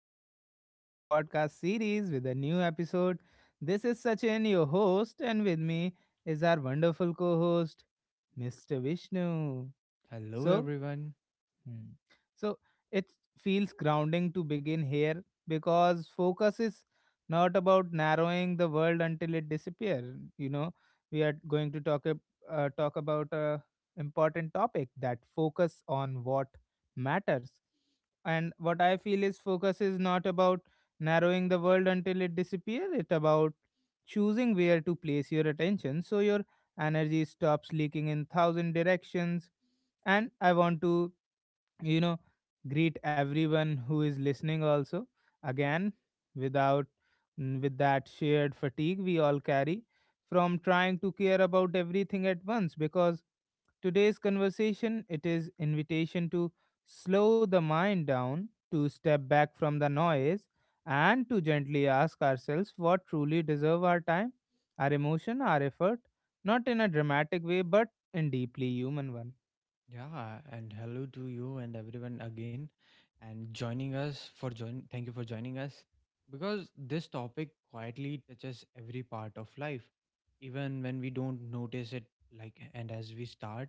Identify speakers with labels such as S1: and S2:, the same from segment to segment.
S1: Welcome back to our podcast series with a new episode. This is Sachin, your host, and with me is our wonderful co host, Mr. Vishnu.
S2: Hello,
S1: So,
S2: everyone.
S1: Hmm. So it feels grounding to begin here because focus is not about narrowing the world until it disappears. We are going to talk about a important topic that focus on what matters. And what I feel is focus is not about narrowing the world until it disappears. It's about choosing where to place your attention so your energy stops leaking in thousand directions, and I want to you know greet everyone who is listening also again, without with that shared fatigue we all carry from trying to care about everything at once, because today's conversation, it is invitation to slow the mind down, to step back from the noise, and to gently ask ourselves what truly deserve our time, our emotion, our effort, not in a dramatic way but in deeply human one.
S2: Yeah, and hello to you and everyone again, and joining us for join. Thank you for joining us because this topic quietly touches every part of life, even when we don't notice it. Like, and as we start,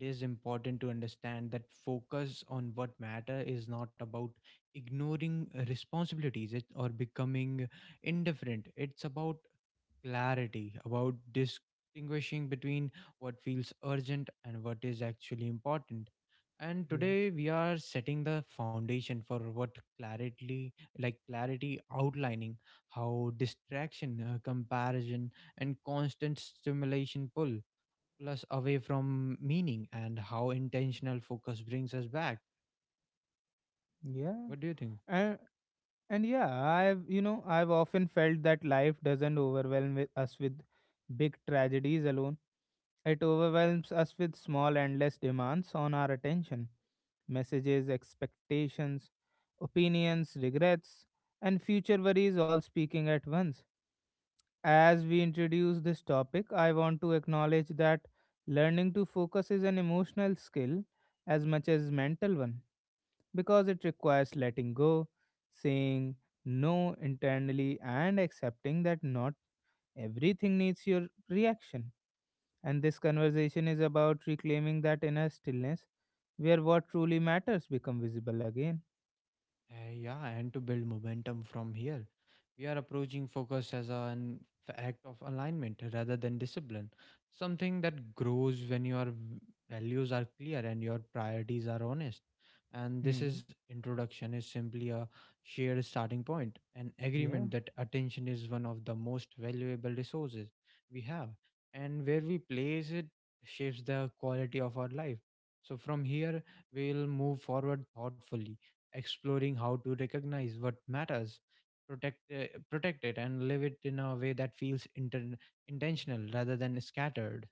S2: it is important to understand that focus on what matter is not about ignoring responsibilities it, or becoming indifferent. It's about clarity about distinguishing between what feels urgent and what is actually important. And today we are setting the foundation for what clarity, like clarity outlining how distraction, comparison, and constant stimulation pull plus away from meaning and how intentional focus brings us back.
S1: Yeah.
S2: What do you think?
S1: Yeah. And yeah, I've you know I've often felt that life doesn't overwhelm with us with big tragedies alone. It overwhelms us with small endless demands on our attention, messages, expectations, opinions, regrets, and future worries all speaking at once. As we introduce this topic, I want to acknowledge that learning to focus is an emotional skill as much as mental one, because it requires letting go, saying no internally, and accepting that not everything needs your reaction. And this conversation is about reclaiming that inner stillness where what truly matters become visible again.
S2: Yeah, and to build momentum from here, we are approaching focus as an act of alignment rather than discipline. Something that grows when your values are clear and your priorities are honest. And this
S1: Hmm.
S2: is introduction is simply a shared starting point, an
S1: Yeah.
S2: agreement that attention is one of the most valuable resources we have, and where we place it shapes the quality of our life. So from here, we'll move forward thoughtfully exploring how to recognize what matters, protect it, and live it in a way that feels inter intentional rather than scattered.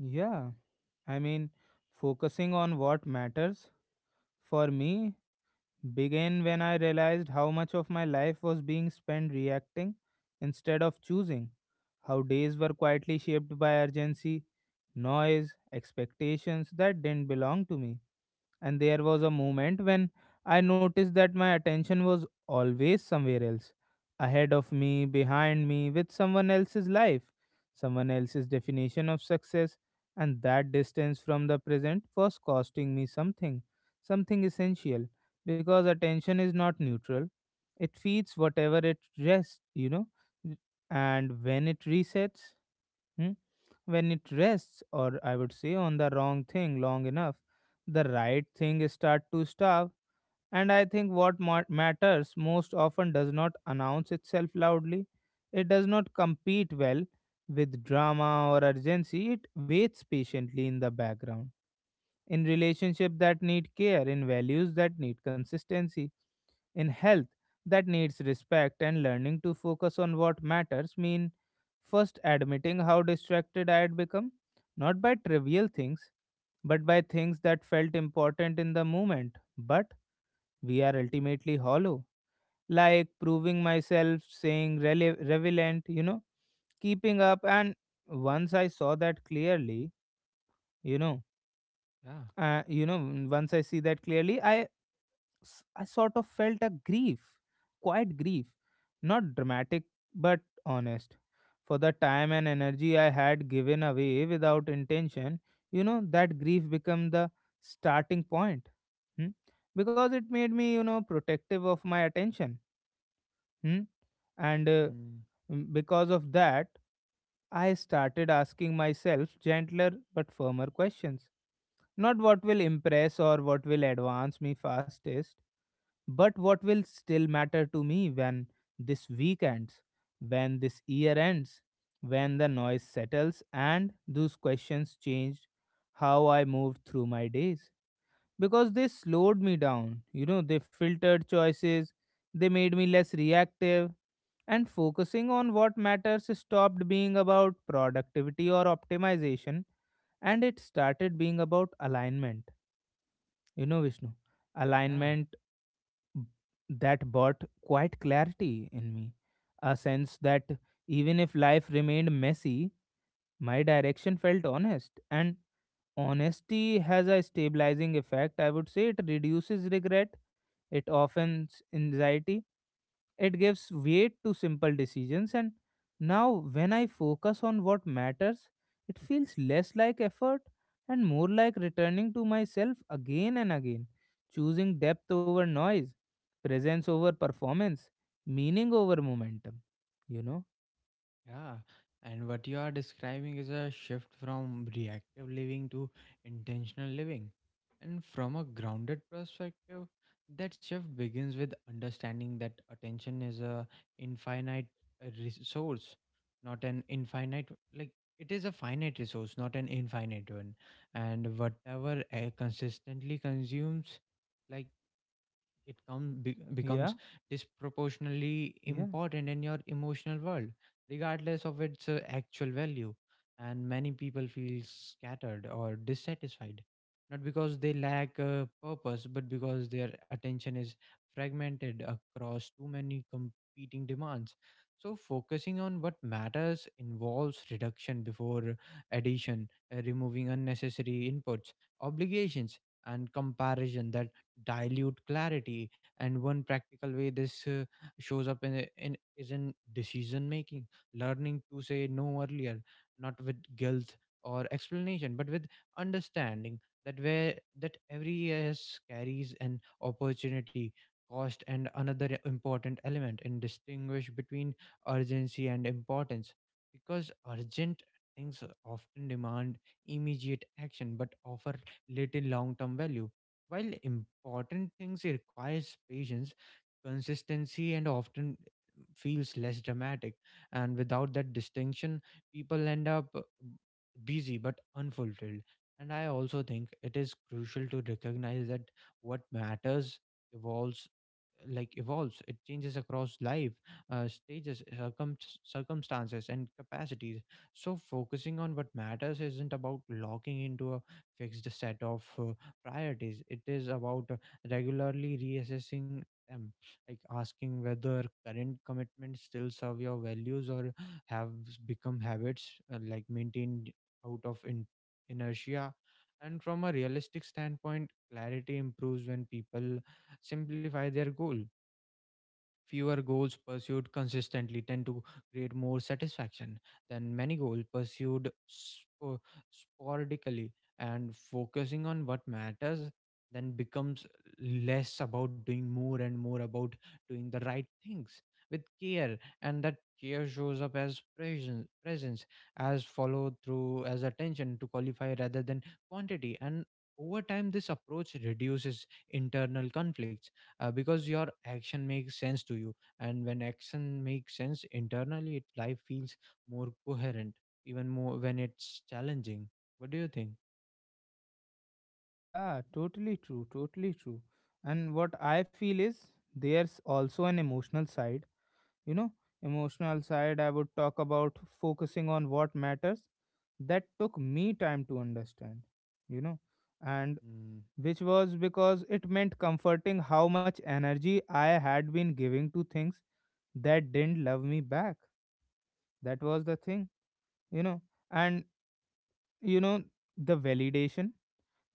S1: Yeah. I mean, focusing on what matters for me began when I realized how much of my life was being spent reacting instead of choosing, how days were quietly shaped by urgency, noise, expectations that didn't belong to me. And there was a moment when I noticed that my attention was always somewhere else, ahead of me, behind me, with someone else's life, someone else's definition of success, and that distance from the present was costing me something, something essential, because attention is not neutral. It feeds whatever it rests, and when it resets, hmm, when it rests, or I would say on the wrong thing long enough, the right thing start to starve. And I think what matters most often does not announce itself loudly. It does not compete well with drama or urgency. It waits patiently in the background, in relationship that need care, in values that need consistency, in health that needs respect, and learning to focus on what matters mean first admitting how distracted I had become, not by trivial things, but by things that felt important in the moment, but we are ultimately hollow. Like proving myself, saying relevant, keeping up. And once I saw that clearly, you know,
S2: Yeah.
S1: once I see that clearly, I I sort of felt a grief, quiet grief, not dramatic but honest, for the time and energy I had given away without intention. You know, that grief became the starting point. Hmm. Because it made me, protective of my attention. hmm? and uh,
S2: Mm.
S1: because of that, I started asking myself gentler but firmer questions, not what will impress or what will advance me fastest, but what will still matter to me when this week ends, when this year ends, when the noise settles. And those questions changed how I moved through my days. Because they slowed me down, they filtered choices, they made me less reactive, and focusing on what matters stopped being about productivity or optimization and it started being about alignment, you know, Vishnu,
S2: Yeah.
S1: alignment. b- that brought quite clarity in me. A sense that even if life remained messy, my direction felt honest. And honesty has a stabilizing effect. I would say it reduces regret, it offends anxiety, it gives weight to simple decisions, and now when I focus on what matters, it feels less like effort and more like returning to myself again and again, choosing depth over noise, presence over performance, meaning over momentum. You know?
S2: Yeah, and what you are describing is a shift from reactive living to intentional living. And from a grounded perspective, that shift begins with understanding that attention is a infinite resource, not an infinite like it is a finite resource, not an infinite one. And whatever consistently consumes, like
S1: Yeah,
S2: becomes disproportionately
S1: yeah,
S2: important in your emotional world regardless of its actual value and many people feel scattered or dissatisfied not because they lack purpose but because their attention is fragmented across too many competing demands. So focusing on what matters involves reduction before addition, removing unnecessary inputs, obligations, and comparison that dilute clarity. And one practical way this shows up in is in decision making, learning to say no earlier, not with guilt or explanation but with understanding that where that every yes carries an opportunity cost. And another important element in distinguish between urgency and importance, because urgent things often demand immediate action but offer little long term value, while important things requires patience, consistency and often feels less dramatic. And without that distinction, people end up busy but unfulfilled. And I also think it is crucial to recognize that what matters evolves, like evolves it changes across life stages, circumstances and capacities. So focusing on what matters isn't about locking into a fixed set of priorities, it is about regularly reassessing them, like asking whether current commitments still serve your values or have become habits like maintained out of inertia. And from a realistic standpoint clarity improves when people simplify their goal. Fewer goals pursued consistently tend to create more satisfaction than many goals pursued sporadically, and focusing on what matters then becomes less about doing more and more about doing the right things with care. And that care shows up as presence presence, as follow through, as attention to qualify rather than quantity. And over time this approach reduces internal conflicts, because your action makes sense to you, and when action makes sense internally it life feels more coherent, even more when it's challenging. What do you think?
S1: yeah, totally true, totally true. And what I feel is there's also an emotional side, you know, emotional side I would talk about, focusing on what matters, that took me time to understand, you know, and
S2: Mm,
S1: which was because it meant comforting how much energy I had been giving to things that didn't love me back. That was the thing, you know. And, you know, the validation,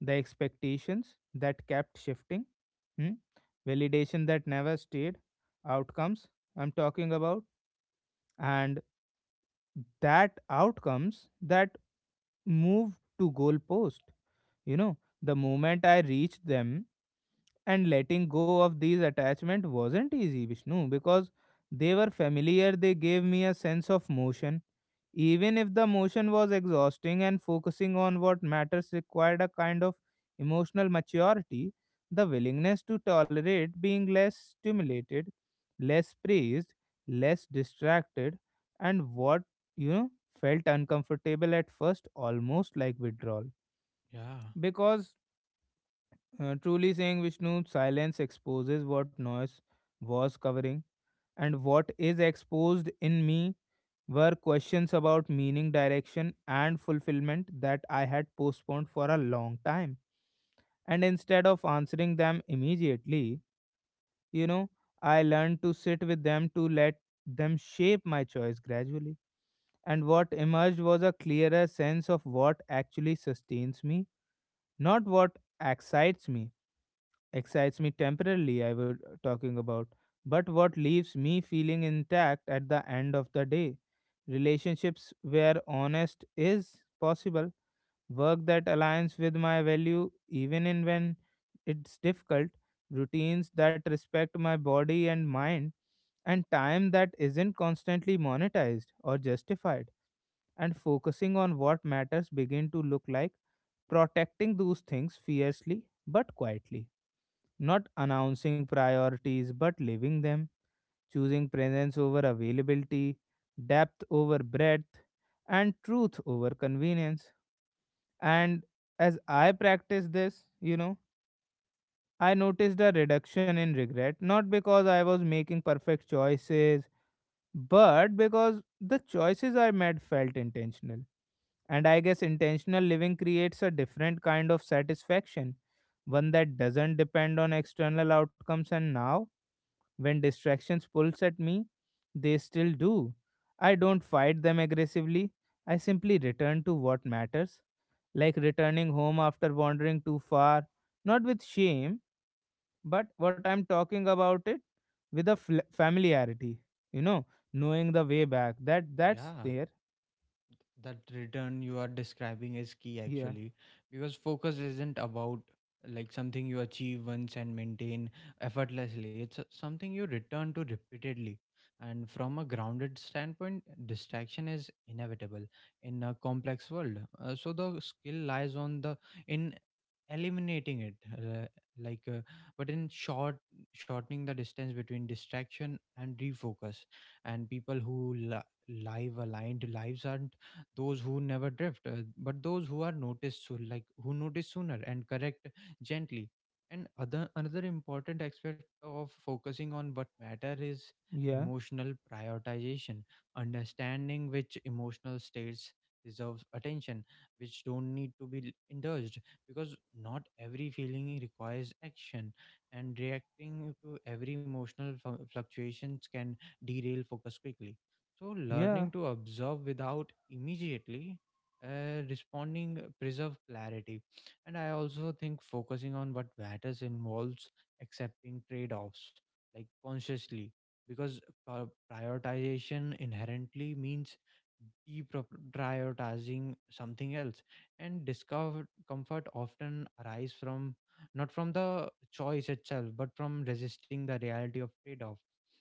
S1: the expectations that kept shifting. Hmm? Validation that never stayed, outcomes I'm talking about, and that outcomes that move to goalpost, you know, the moment I reached them. And letting go of these attachment wasn't easy, Vishnu, because they were familiar, they gave me a sense of motion, even if the motion was exhausting. And focusing on what matters required a kind of emotional maturity, the willingness to tolerate being less stimulated, less praised, less distracted, and what, you know felt uncomfortable at first, almost like withdrawal.
S2: yeah,
S1: Because, truly saying Vishnu, silence exposes what noise was covering, and what is exposed in me were questions about meaning, direction, and fulfillment that I had postponed for a long time. And instead of answering them immediately, You know, I learned to sit with them, to let them shape my choice gradually. And what emerged was a clearer sense of what actually sustains me, not what excites me. Excites me temporarily, I was talking about, but what leaves me feeling intact at the end of the day. Relationships where honest is possible, work that aligns with my value even in when it's difficult, routines that respect my body and mind, and time that isn't constantly monetized or justified. And focusing on what matters begin to look like protecting those things fiercely but quietly, not announcing priorities but living them, choosing presence over availability, depth over breadth, and truth over convenience. And as I practiced this, I noticed a reduction in regret, not because I was making perfect choices, but because the choices I made felt intentional. And I guess intentional living creates a different kind of satisfaction, one that doesn't depend on external outcomes. And now, when distractions pulls at me, they still do. I don't fight them aggressively. I simply return to what matters, like returning home after wandering too far, not with shame, but what I'm talking about it, with a familiarity, you know, knowing the way back. That that's
S2: yeah.
S1: there.
S2: That return you are describing is key
S1: Yeah,
S2: actually, because focus isn't about like something you achieve once and maintain effortlessly. It's something you return to repeatedly. And from a grounded standpoint distraction is inevitable in a complex world. So the skill lies on the in eliminating it, like uh, but in shortening the distance between distraction and refocus. And people who live aligned lives are those who never drift, but those who are noticed soon, like who notice sooner and correct gently. And other another important aspect of focusing on what matter is
S1: yeah,
S2: emotional prioritization, understanding which emotional states deserves attention, which don't need to be indulged, because not every feeling requires action, and reacting to every emotional fluctuations can derail focus quickly. So,
S1: yeah,
S2: learning to observe without immediately responding preserve clarity. And I also think focusing on what matters involves accepting trade offs, like consciously, because uh, prioritization inherently means deprioritizing something else. And discomfort comfort often arise from not from the choice itself, but from resisting the reality of trade off.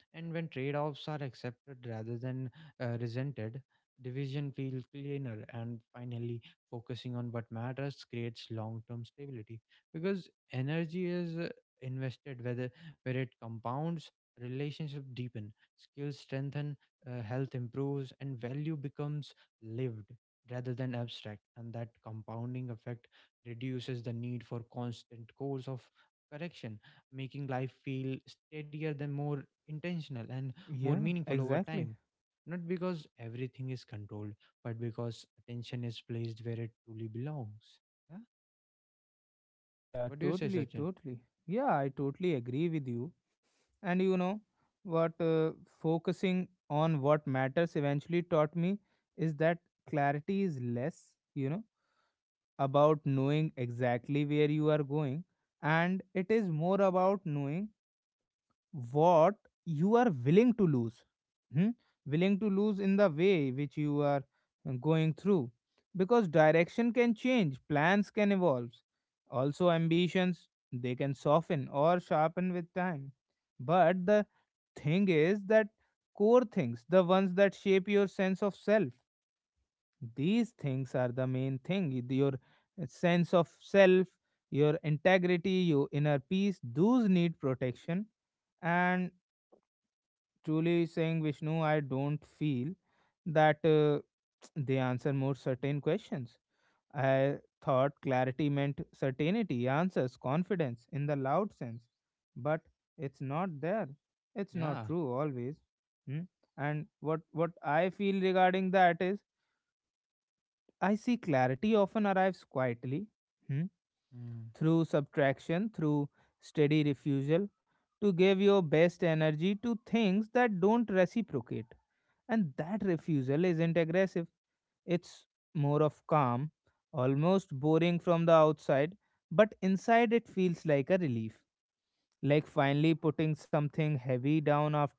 S2: And when trade-offs are accepted rather than resented, division feels cleaner. And finally, focusing on what matters creates long term stability because energy is invested whether where it compounds, relationships deepen, skills strengthen, health improves and value becomes lived rather than abstract. And that compounding effect reduces the need for constant course of correction, making life feel steadier than more intentional and more
S1: yeah,
S2: meaningful over
S1: exactly.
S2: time, not because everything is controlled, but because attention is placed where it truly belongs. Yeah.
S1: Yeah,
S2: What do you say,
S1: totally,
S2: Sachin?
S1: totally. Yeah, I totally agree with you. And you know what, focusing on what matters eventually taught me is that clarity is less, about knowing exactly where you are going, and it is more about knowing what you are willing to lose. Hmm? Willing to lose in the way which you are going through, because direction can change, plans can evolve, also ambitions, they can soften or sharpen with time. But the thing is that core things, the ones that shape your sense of self, these things are the main thing, your sense of self, your integrity, your inner peace, those need protection. And truly saying Vishnu, I don't feel that they answer more certain questions. I thought clarity meant certainty, answers, confidence in the loud sense, but it's not there. It's not
S2: Yeah.
S1: true always. Hmm? And what I feel regarding that is I see clarity often arrives quietly, hmm,
S2: Mm.
S1: through subtraction, through steady refusal to give your best energy to things that don't reciprocate. And that refusal isn't aggressive, it's more of calm, almost boring from the outside, but inside it feels like a relief, like finally putting something heavy down after,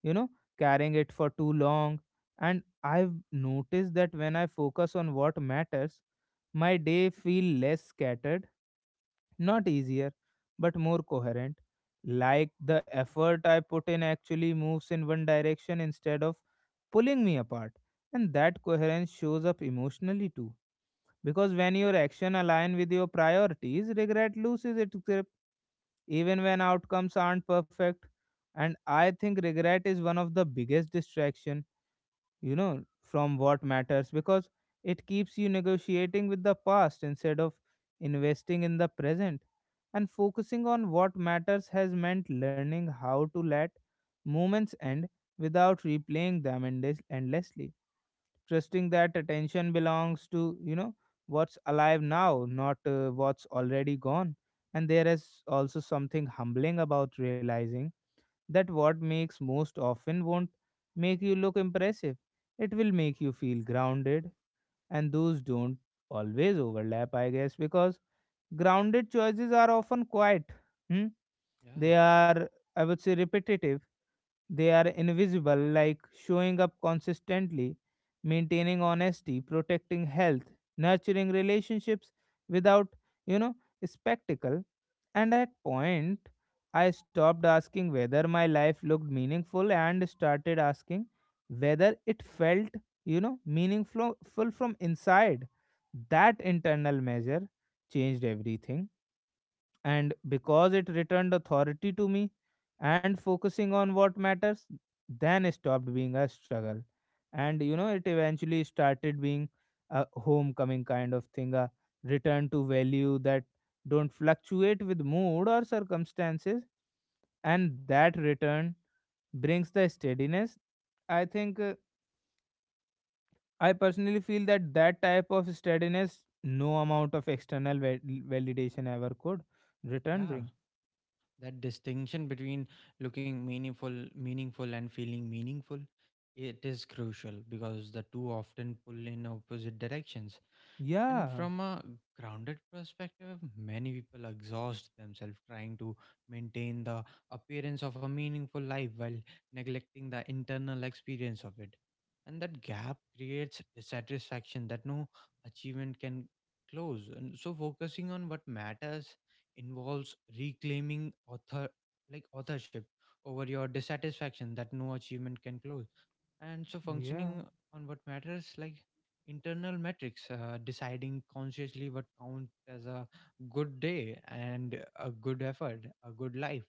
S1: you know carrying it for too long. And I've noticed that when I focus on what matters, my day feel less scattered, not easier, but more coherent, like the effort I put in actually moves in one direction instead of pulling me apart. And that coherence shows up emotionally too, because when your action align with your priorities, regret loses its grip even when outcomes aren't perfect. And I think regret is one of the biggest distraction, you know, from what matters, because it keeps you negotiating with the past instead of investing in the present. And focusing on what matters has meant learning how to let moments end without replaying them endlessly, trusting that attention belongs to, what's alive now, not what's already gone. And there is also something humbling about realizing that what makes most often won't make you look impressive, it will make you feel grounded, and those don't always overlap, I guess, because grounded choices are often quiet. Hmm?
S2: Yeah.
S1: They are, I would say, repetitive. They are invisible, like showing up consistently, maintaining honesty, protecting health, nurturing relationships without, you know, spectacle. And at point, I stopped asking whether my life looked meaningful and started asking whether it felt, meaningful full from inside. That internal measure changed everything, and because it returned authority to me and focusing on what matters then stopped being a struggle. And it eventually started being a homecoming kind of thing, a return to value that don't fluctuate with mood or circumstances. And that return brings the steadiness. I think I personally feel that that type of steadiness no amount of external validation ever could return
S2: Yeah.
S1: bring.
S2: That distinction between looking meaningful, meaningful, and feeling meaningful, it is crucial because the two often pull in opposite directions. And
S1: Yeah,
S2: from a grounded perspective, many people exhaust themselves trying to maintain the appearance of a meaningful life while neglecting the internal experience of it. And that gap creates dissatisfaction that no achievement can close. And so focusing on what matters involves reclaiming author, like authorship over your dissatisfaction that no achievement can close. And so
S1: yeah,
S2: functioning on what matters, like internal metrics, deciding consciously what counts as a good day and a good effort, a good life.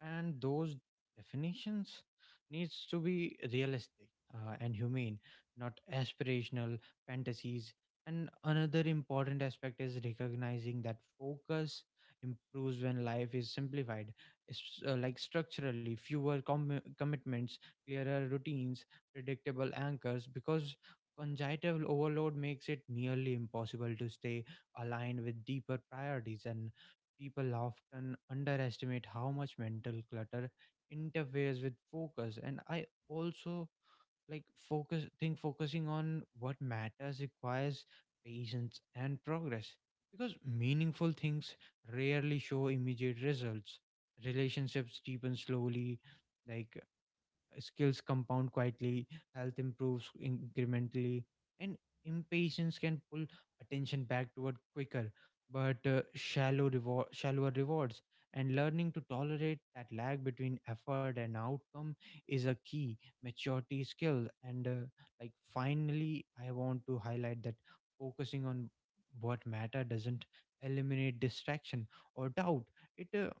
S2: And those definitions needs to be realistic, and humane, not aspirational fantasies. And another important aspect is recognizing that focus improves when life is simplified. It's, like structurally fewer commitments, clearer routines, predictable anchors, because congenital overload makes it nearly impossible to stay aligned with deeper priorities. And people often underestimate how much mental clutter interferes with focus. And I also like focus think focusing on what matters requires patience and progress because meaningful things rarely show immediate results. Relationships deepen slowly, like skills compound quietly, health improves incrementally, and impatience can pull attention back toward quicker but shallower rewards. And learning to tolerate that lag between effort and outcome is a key maturity skill. And like Finally, I want to highlight that focusing on what matter doesn't eliminate distraction or doubt. It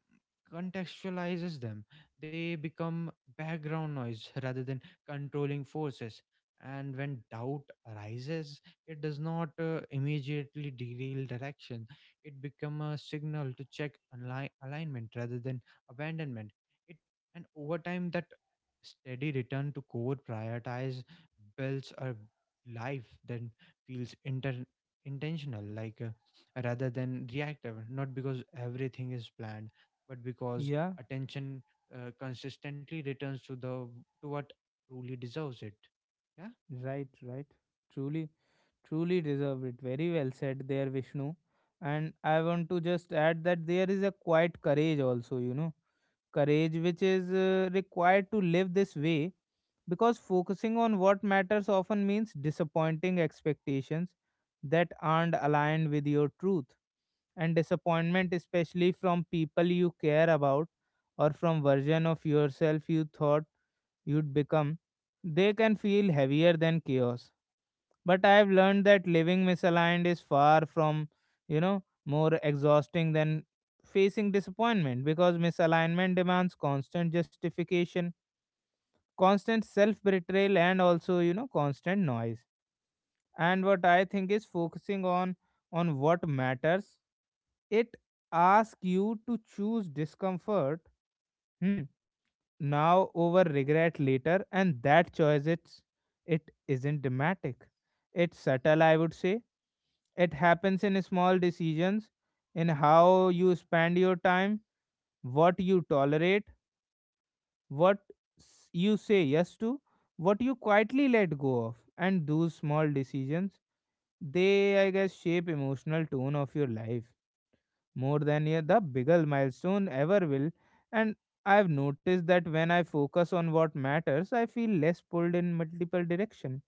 S2: contextualizes them, they become background noise rather than controlling forces. And when doubt arises, it does not immediately derail direction. It becomes a signal to check alignment rather than abandonment. It and over time that steady return to core prioritize builds a life that feels intentional, rather than reactive. Not because everything is planned, but because
S1: yeah,
S2: attention consistently returns to the to what truly deserves it. Yeah.
S1: right, right. Truly, truly deserve it. Very well said there, Vishnu. And I want to just add that there is a quiet courage also, you know, courage which is required to live this way, because focusing on what matters often means disappointing expectations that aren't aligned with your truth. And disappointment, especially from people you care about or from version of yourself you thought you'd become, they can feel heavier than chaos. But I've learned that living misaligned is far from, you know, more exhausting than facing disappointment, because misalignment demands constant justification, constant self betrayal, and also, you know, constant noise. And what I think is focusing on what matters, it asks you to choose discomfort, hmm, now over regret later. And that choice, it isn't dramatic, it's subtle, I would say. It happens in small decisions, in how you spend your time, what you tolerate, what you say yes to, what you quietly let go of. And those small decisions, they I guess shape emotional tone of your life more than, yeah, the bigger milestone ever will. And I've noticed that when I focus on what matters, I feel less pulled in multiple direction,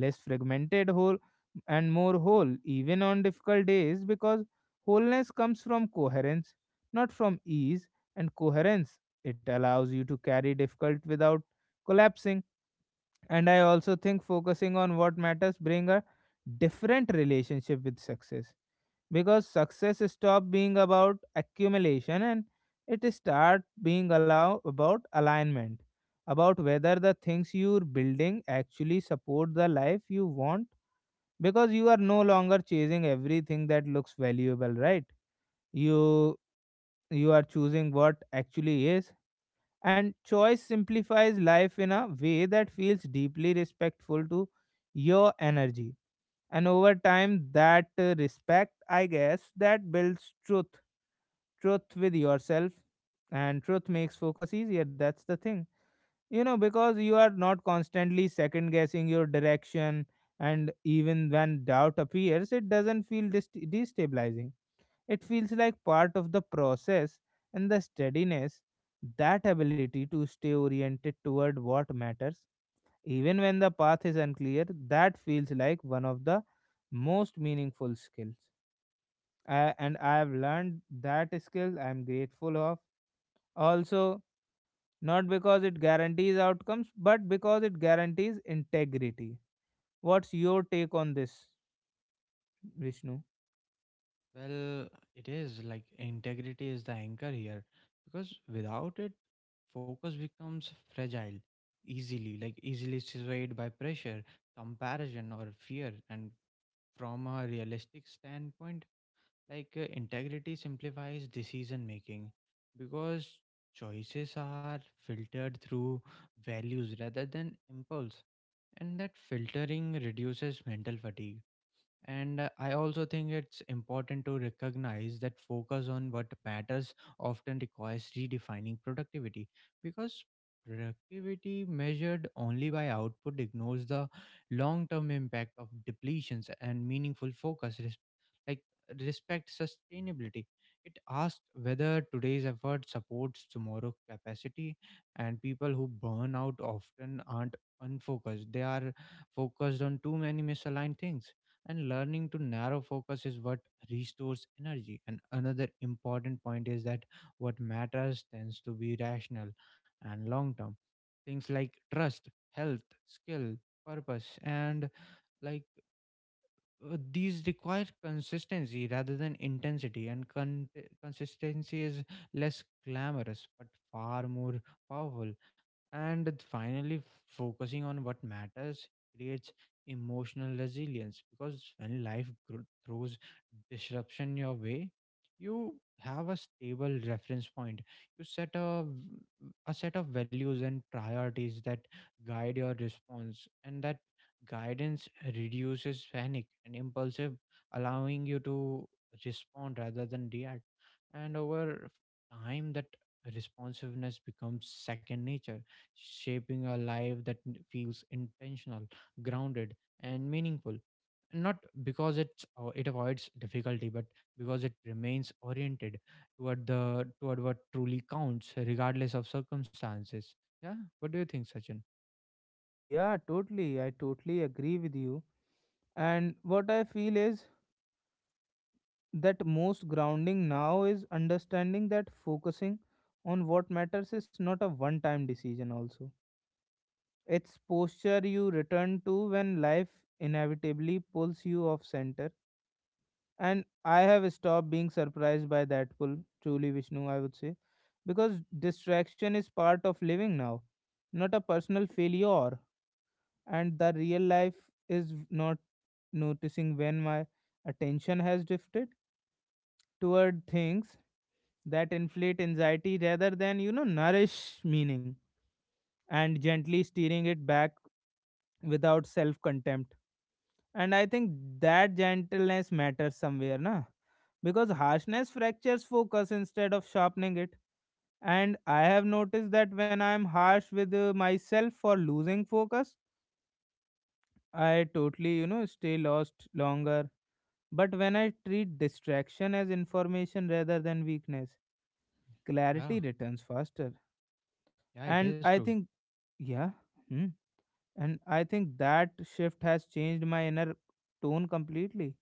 S1: less fragmented whole and more whole, even on difficult days, because wholeness comes from coherence, not from ease. And coherence, it allows you to carry difficult without collapsing. And I also think focusing on what matters bring a different relationship with success, because success stop being about accumulation and it start being allow about alignment, about whether the things you're building actually support the life you want, because you are no longer chasing everything that looks valuable, right? you you are choosing what actually is. And choice simplifies life in a way that feels deeply respectful to your energy. And over time that respect, I guess, that builds truth, truth with yourself. And truth makes focus easier, that's the thing, you know, because you are not constantly second guessing your direction. And even when doubt appears, it doesn't feel destabilizing, it feels like part of the process. And the steadiness, that ability to stay oriented toward what matters even when the path is unclear, that feels like one of the most meaningful skills. And I have learned that skill I am grateful of. Also, not because it guarantees outcomes, but because it guarantees integrity. What's your take on this, Vishnu?
S2: Well, it is like integrity is the anchor here because without it, focus becomes fragile easily, like easily swayed by pressure, comparison, or fear. And from a realistic standpoint, integrity simplifies decision making because choices are filtered through values rather than impulse. And that filtering reduces mental fatigue. And I also think it's important to recognize that focus on what matters often requires redefining productivity because productivity measured only by output ignores the long term impact of depletions, and meaningful focus, like respect sustainability. It asks whether today's effort supports tomorrow's capacity, and people who burn out often aren't unfocused, they are focused on too many misaligned things. And learning to narrow focus is what restores energy. And another important point is that what matters tends to be rational and long term, things like trust, health, skill, purpose and like these require consistency rather than intensity. And consistency is less glamorous but far more powerful. And finally, focusing on what matters creates emotional resilience because when life throws disruption your way, you have a stable reference point, you set a a set of values and priorities that guide your response. And that guidance reduces panic and impulsive, allowing you to respond rather than react. And over time that responsiveness becomes second nature, shaping a life that feels intentional, grounded and meaningful, not because it's, it avoids difficulty but because it remains oriented toward the toward what truly counts regardless of circumstances. Yeah, what do you think, Sachin?
S1: Yeah, totally. I totally agree with you. And what I feel is that most grounding now is understanding that focusing on what matters is not a one time decision, also. It's posture you return to when life inevitably pulls you off center. And I have stopped being surprised by that pull, truly, Vishnu, I would say, because distraction is part of living now, not a personal failure. And the real life is not noticing when my attention has drifted toward things that inflate anxiety rather than, you know, nourish meaning, and gently steering it back without self contempt. And I think that gentleness matters somewhere, na? Because harshness fractures focus instead of sharpening it. And I have noticed that when I'm harsh with myself for losing focus, I totally, you know, stay lost longer. But when I treat distraction as information rather than weakness,
S2: Yeah,
S1: clarity returns faster.
S2: yeah, it
S1: And
S2: is
S1: I
S2: true.
S1: think, yeah, hmm, and I think that shift has changed my inner tone completely,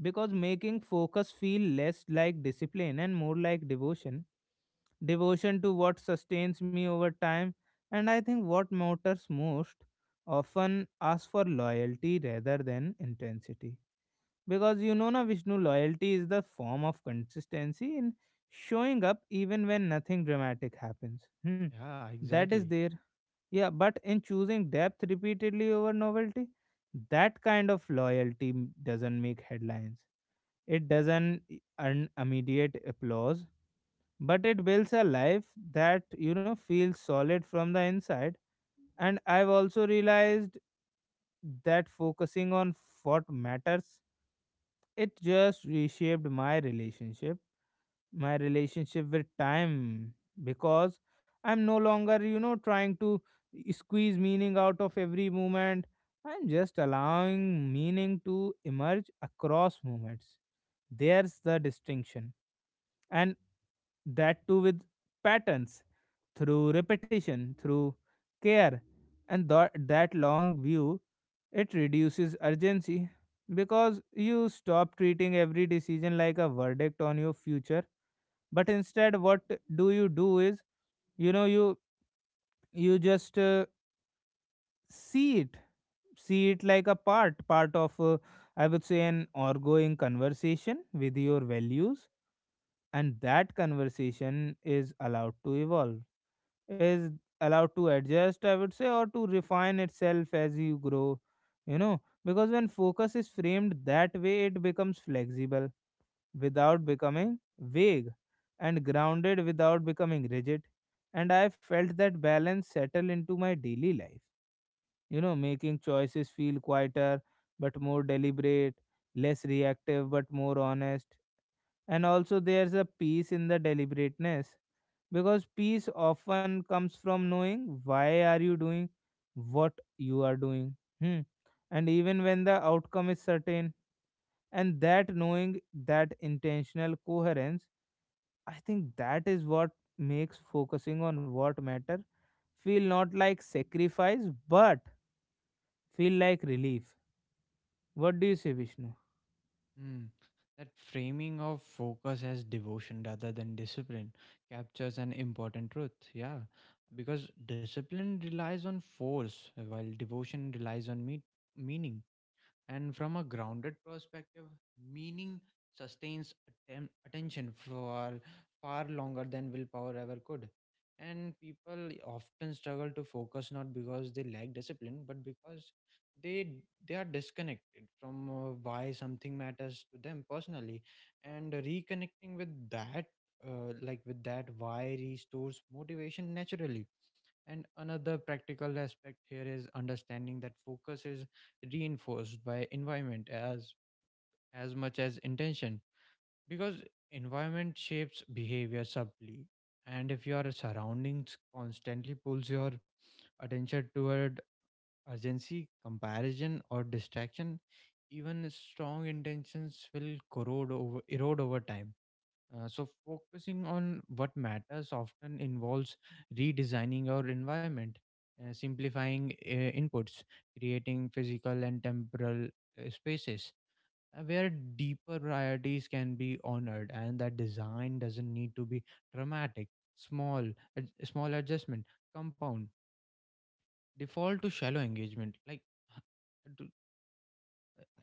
S1: because making focus feel less like discipline and more like devotion, devotion to what sustains me over time. And I think what matters most often asks for loyalty rather than intensity, because you know na Vishnu, loyalty is the form of consistency in showing up even when nothing dramatic happens, hmm.
S2: Yeah,
S1: That is
S2: exactly.
S1: there. Yeah, but in choosing depth repeatedly over novelty, that kind of loyalty doesn't make headlines, it doesn't earn immediate applause, but it builds a life that, you know, feels solid from the inside. And I've also realized that focusing on what matters, it just reshaped my relationship with time, because I'm no longer, you know, trying to squeeze meaning out of every moment. I'm just allowing meaning to emerge across moments. There's the distinction. And that too with patterns, through repetition, through care. And that long view, it reduces urgency, because you stop treating every decision like a verdict on your future. But instead what do you do is, you know, you just see it, see it like a part of, I would say, an ongoing conversation with your values. And that conversation is allowed to evolve, is allowed to adjust, I would say, or to refine itself as you grow, you know, because when focus is framed that way it becomes flexible without becoming vague, and grounded without becoming rigid. And I felt that balance settle into my daily life, you know, making choices feel quieter but more deliberate, less reactive but more honest. And also there's a peace in the deliberateness, because peace often comes from knowing why are you doing what you are doing, hmm. And even when the outcome is certain, and that knowing, that intentional coherence, I think that is what makes focusing on what matter feel not like sacrifice, but feel like relief. What do you say, Vishnu?
S2: Mm. That framing of focus as devotion rather than discipline captures an important truth. Yeah, because discipline relies on force while devotion relies on meaning. And from a grounded perspective, meaning sustains attention for far longer than willpower ever could. And people often struggle to focus not because they lack discipline, but because they they are disconnected from why something matters to them personally. And reconnecting with that, why restores motivation naturally. And another practical aspect here is understanding that focus is reinforced by environment as much as intention, because environment shapes behavior subtly. And if your surroundings constantly pulls your attention toward urgency, comparison or distraction, even strong intentions will corrode over erode over time. So focusing on what matters often involves redesigning our environment, simplifying inputs, creating physical and temporal spaces where deeper priorities can be honored, and that design doesn't need to be dramatic. Small, small adjustment compound default to shallow engagement. Like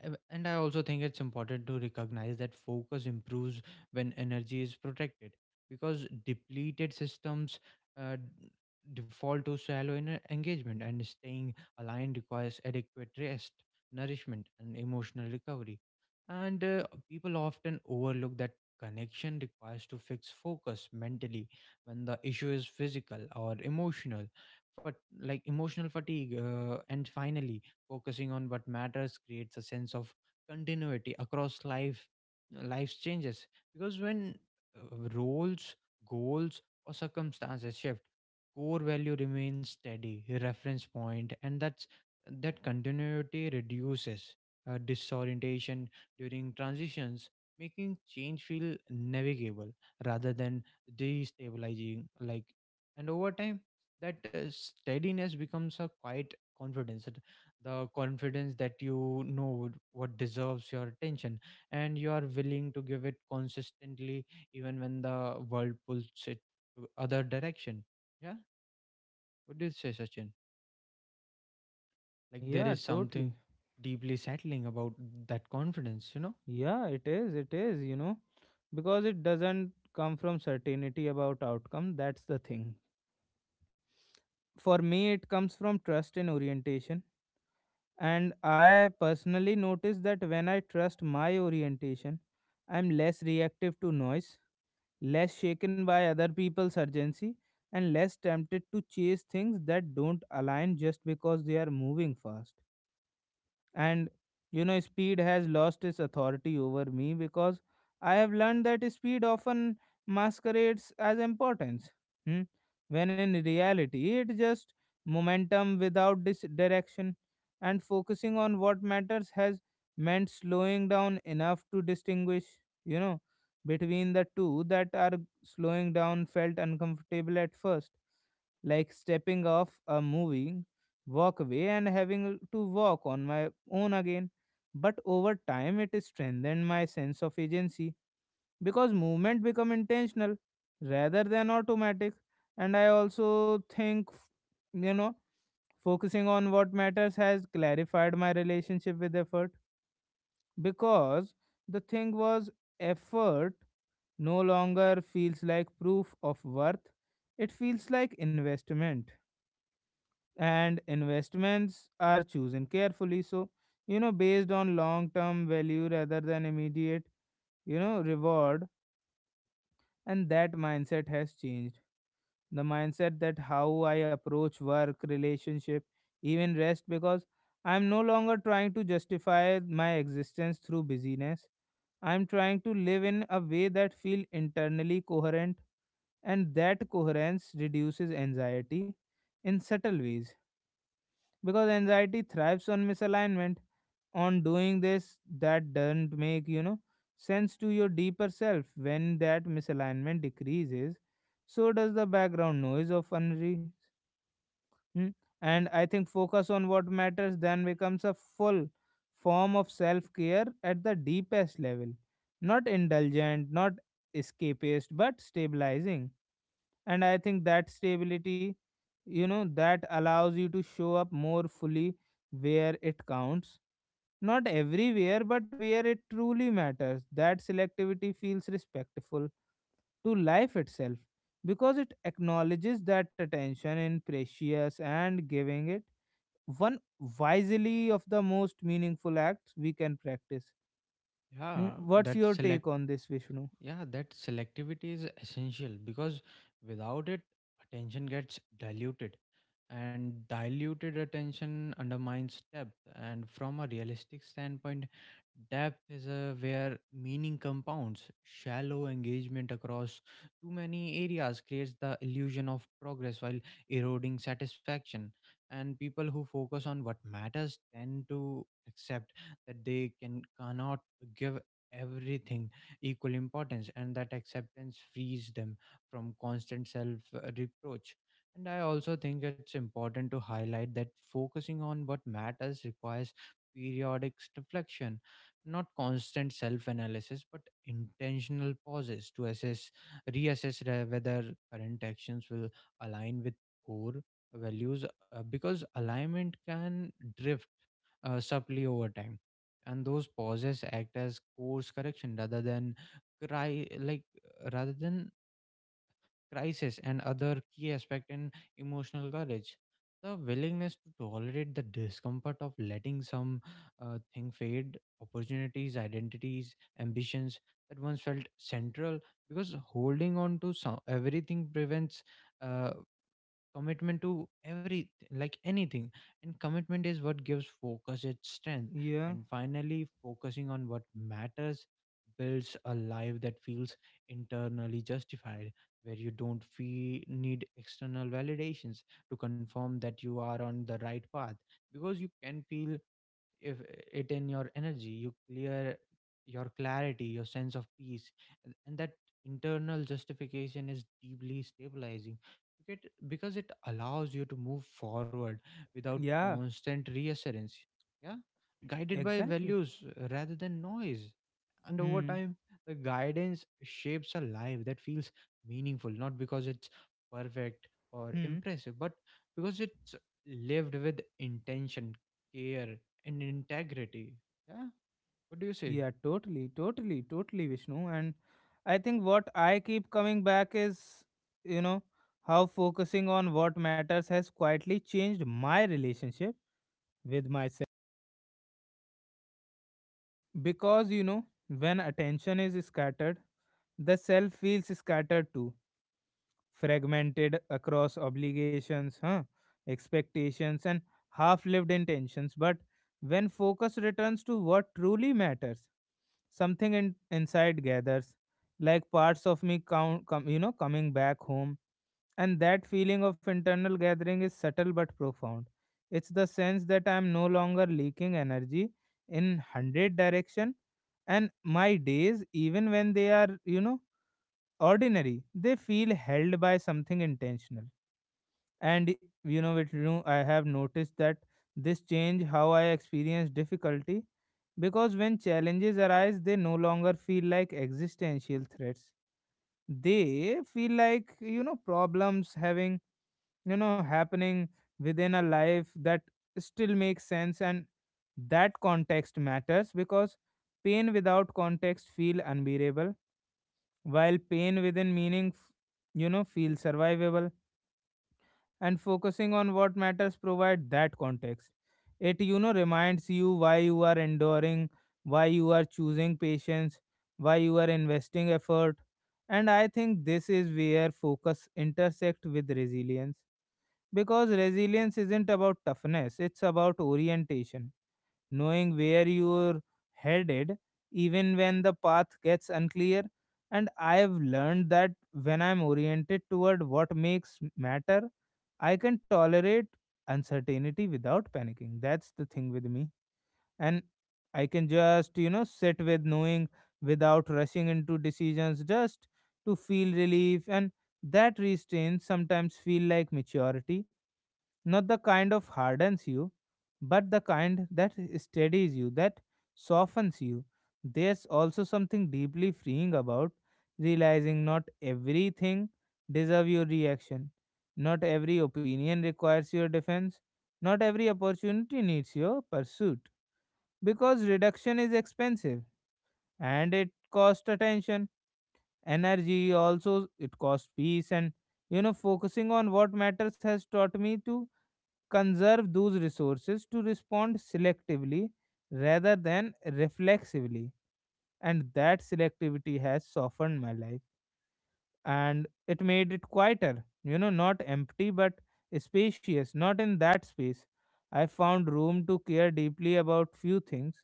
S2: I- And I also think it's important to recognize that focus improves when energy is protected, because depleted systems uh, d- default to shallow engagement, and staying aligned requires adequate rest, nourishment, and emotional recovery. And people often overlook that connection requires to fix focus mentally when the issue is physical or emotional, but like emotional fatigue. And finally, focusing on what matters creates a sense of continuity across life's changes. Because when roles, goals, or circumstances shift, core value remains steady, reference point, and that continuity reduces disorientation during transitions, making change feel navigable rather than destabilizing. Like, and over time, that steadiness becomes a quiet confidence, the confidence that you know what deserves your attention, and you are willing to give it consistently even when the world pulls it to other direction. Yeah. What do you say, Sachin? Like, there
S1: Yeah,
S2: is something
S1: totally.
S2: deeply settling about that confidence.
S1: Yeah, it is, it is, you know, because it doesn't come from certainty about outcome, that's the thing. For me it comes from trust and orientation. And I personally notice that when I trust my orientation, I'm less reactive to noise, less shaken by other people's urgency, and less tempted to chase things that don't align just because they are moving fast. And, you know, speed has lost its authority over me, because I have learned that speed often masquerades as importance, hmm? When in reality it just momentum without direction. And focusing on what matters has meant slowing down enough to distinguish, you know, between the two. That are slowing down felt uncomfortable at first, like stepping off a movie, walk away and having to walk on my own again. But over time, it strengthened my sense of agency because movement become intentional rather than automatic. And I also think, you know, focusing on what matters has clarified my relationship with effort, because the thing was, effort no longer feels like proof of worth. It feels like investment, and investments are chosen carefully, so, you know, based on long term value rather than immediate, you know, reward. And that mindset has changed the mindset that how I approach work, relationship, even rest, because I'm no longer trying to justify my existence through busyness. I'm trying to live in a way that feel internally coherent, and that coherence reduces anxiety in subtle ways, because anxiety thrives on misalignment, on doing this that doesn't make, you know, sense to your deeper self. When that misalignment decreases, so does the background noise of unre, hmm? And I think focus on what matters then becomes a full form of self care at the deepest level, not indulgent, not escapist, but stabilizing. And I think that stability, you know, that allows you to show up more fully where it counts, not everywhere but where it truly matters. That selectivity feels respectful to life itself, because it acknowledges that attention in precious, and giving it one wisely of the most meaningful acts we can practice. Mm,
S2: Yeah,
S1: what's
S2: that
S1: your
S2: select
S1: take on this, Vishnu?
S2: yeah that selectivity is essential, because without it attention gets diluted, and diluted attention undermines depth. And from a realistic standpoint, depth is where meaning compounds. Shallow engagement across too many areas creates the illusion of progress while eroding satisfaction. And people who focus on what matters tend to accept that they cannot give everything equal importance, and that acceptance frees them from constant self reproach. And I also think it's important to highlight that focusing on what matters requires periodic reflection, not constant self analysis, but intentional pauses to assess, reassess whether current actions will align with core values, because alignment can drift subtly over time. And those pauses act as course correction cry like rather than crisis. And other key aspect in emotional courage. The willingness to tolerate the discomfort of letting some thing fade, opportunities, identities, ambitions that once felt central, because holding on to everything prevents. Uh, commitment to every like anything, and commitment is what gives focus its strength.
S1: Yeah,
S2: And finally, focusing on what matters builds a life that feels internally justified, where you don't feel need external validations to confirm that you are on the right path, because you can feel if it in your energy, your clarity, your sense of peace. And that internal justification is deeply stabilizing, because it allows you to move forward without
S1: yeah,
S2: constant reassurance. Yeah, guided by
S1: exactly,
S2: values rather than noise. And over
S1: hmm.
S2: time the guidance shapes a life that feels meaningful, not because it's perfect or impressive, but because it's lived with intention, care, and integrity. Yeah. What do you say?
S1: Yeah, totally, totally, totally, Vishnu. And I think what I keep coming back is, you know, how focusing on what matters has quietly changed my relationship with myself. Because, you know, when attention is scattered, the self feels scattered too, fragmented across obligations, huh? Expectations, and half lived intentions. But when focus returns to what truly matters, something inside gathers, like parts of me you know, coming back home. And that feeling of internal gathering is subtle but profound. It's the sense that I am no longer leaking energy in 100 direction, and my days, even when they are, you know, ordinary, they feel held by something intentional. And you know it. You, I have noticed that this change how I experience difficulty, because when challenges arise they no longer feel like existential threats. They feel like, problems having, happening within a life that still makes sense. And that context matters, because pain without context feel unbearable, while pain within meaning feel survivable. And focusing on what matters provide that context. It reminds you why you are enduring, why you are choosing patience, why you are investing effort. And I think this is where focus intersect with resilience, because resilience isn't about toughness, it's about orientation, knowing where you're headed even when the path gets unclear. And I have learned that when I'm oriented toward what makes matter, I can tolerate uncertainty without panicking. That's the thing with me. And I can just, sit with knowing without rushing into decisions just to feel relief. And that restraint sometimes feel like maturity, not the kind of hardens you, but the kind that steadies you, that softens you. There's also something deeply freeing about realizing not everything deserve your reaction, not every opinion requires your defense, not every opportunity needs your pursuit, because reduction is expensive, and it costs attention, energy, also it costs peace. And focusing on what matters has taught me to conserve those resources, to respond selectively rather than reflexively. And that selectivity has softened my life, and it made it quieter, not empty but spacious. Not in that space, I found room to care deeply about few things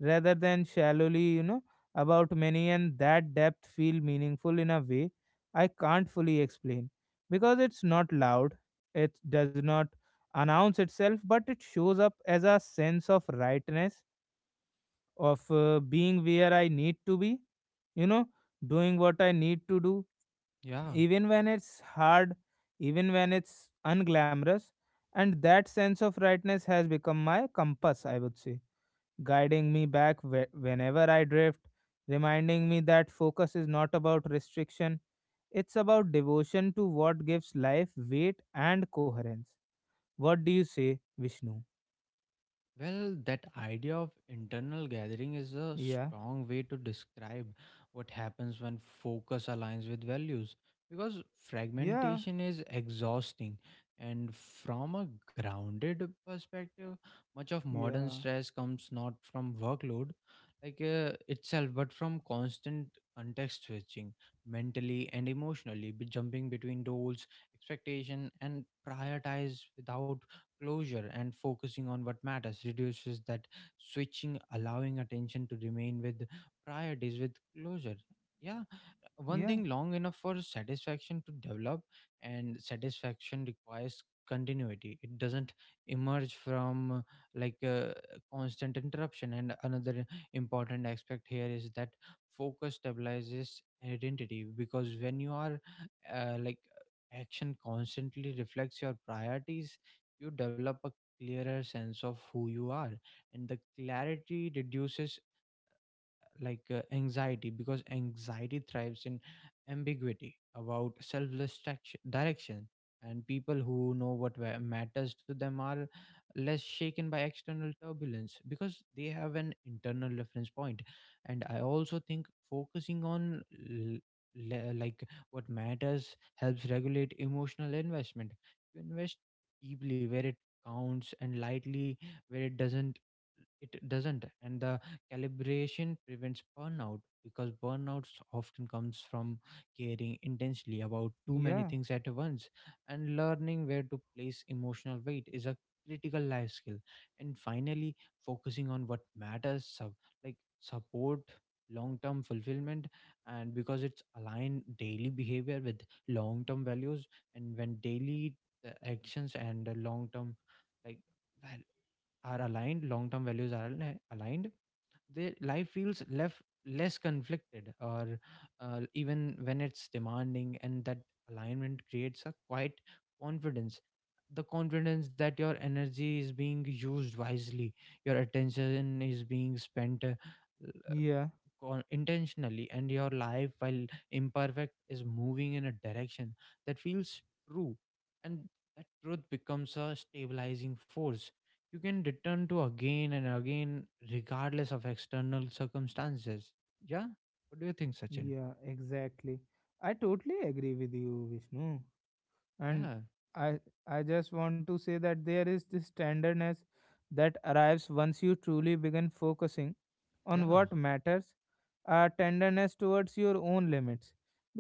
S1: rather than shallowly, about many. And that depth feel meaningful in a way I can't fully explain, because it's not loud, it does not announce itself, but it shows up as a sense of rightness, of being where I need to be, you know, doing what I need to do,
S2: Yeah.
S1: even when it's hard, even when it's unglamorous. And that sense of rightness has become my compass, I would say, guiding me back whenever I drift, reminding me that focus is not about restriction, it's about devotion to what gives life weight and coherence. What do you say, Vishnu?
S2: Well, that idea of internal gathering is a
S1: Yeah,
S2: strong way to describe what happens when focus aligns with values, because
S1: yeah,
S2: fragmentation is exhausting. And from a grounded perspective, much of modern
S1: yeah,
S2: stress comes not from workload itself, but from constant context switching, mentally and emotionally, be jumping between roles, expectation and prioritize without closure. And focusing on what matters reduces that switching, allowing attention to remain with priorities, with closure, yeah, one
S1: yeah,
S2: thing long enough for satisfaction to develop. And satisfaction requires continuity. It doesn't emerge from like a constant interruption. And another important aspect here is that focus stabilizes identity, because when you are like action constantly reflects your priorities, you develop a clearer sense of who you are, and the clarity reduces anxiety, because anxiety thrives in ambiguity about selfless direction. And people who know what matters to them are less shaken by external turbulence, because they have an internal reference point. And I also think focusing on l- le- like what matters helps regulate emotional investment. You invest deeply where it counts and lightly where it doesn't, and the calibration prevents burnout, because burnout often comes from caring intensely about too many
S1: yeah,
S2: things at once. And learning where to place emotional weight is a critical life skill. And finally, focusing on what matters support long term fulfillment, and because it's aligned daily behavior with long term values. And when daily actions and like val- long term values are aligned, their life feels left less conflicted, or even when it's demanding. And that alignment creates a quiet confidence, the confidence that your energy is being used wisely, your attention is being spent
S1: yeah,
S2: intentionally, and your life, while imperfect, is moving in a direction that feels true, and that truth becomes a stabilizing force you can return to again and again regardless of external circumstances. Yeah. What do you think, Sachin?
S1: yeah, exactly. I totally agree with you, Vishnu. And
S2: Yeah,
S1: i I just want to say that there is this tenderness that arrives once you truly begin focusing on
S2: yeah,
S1: what matters, a tenderness towards your own limits,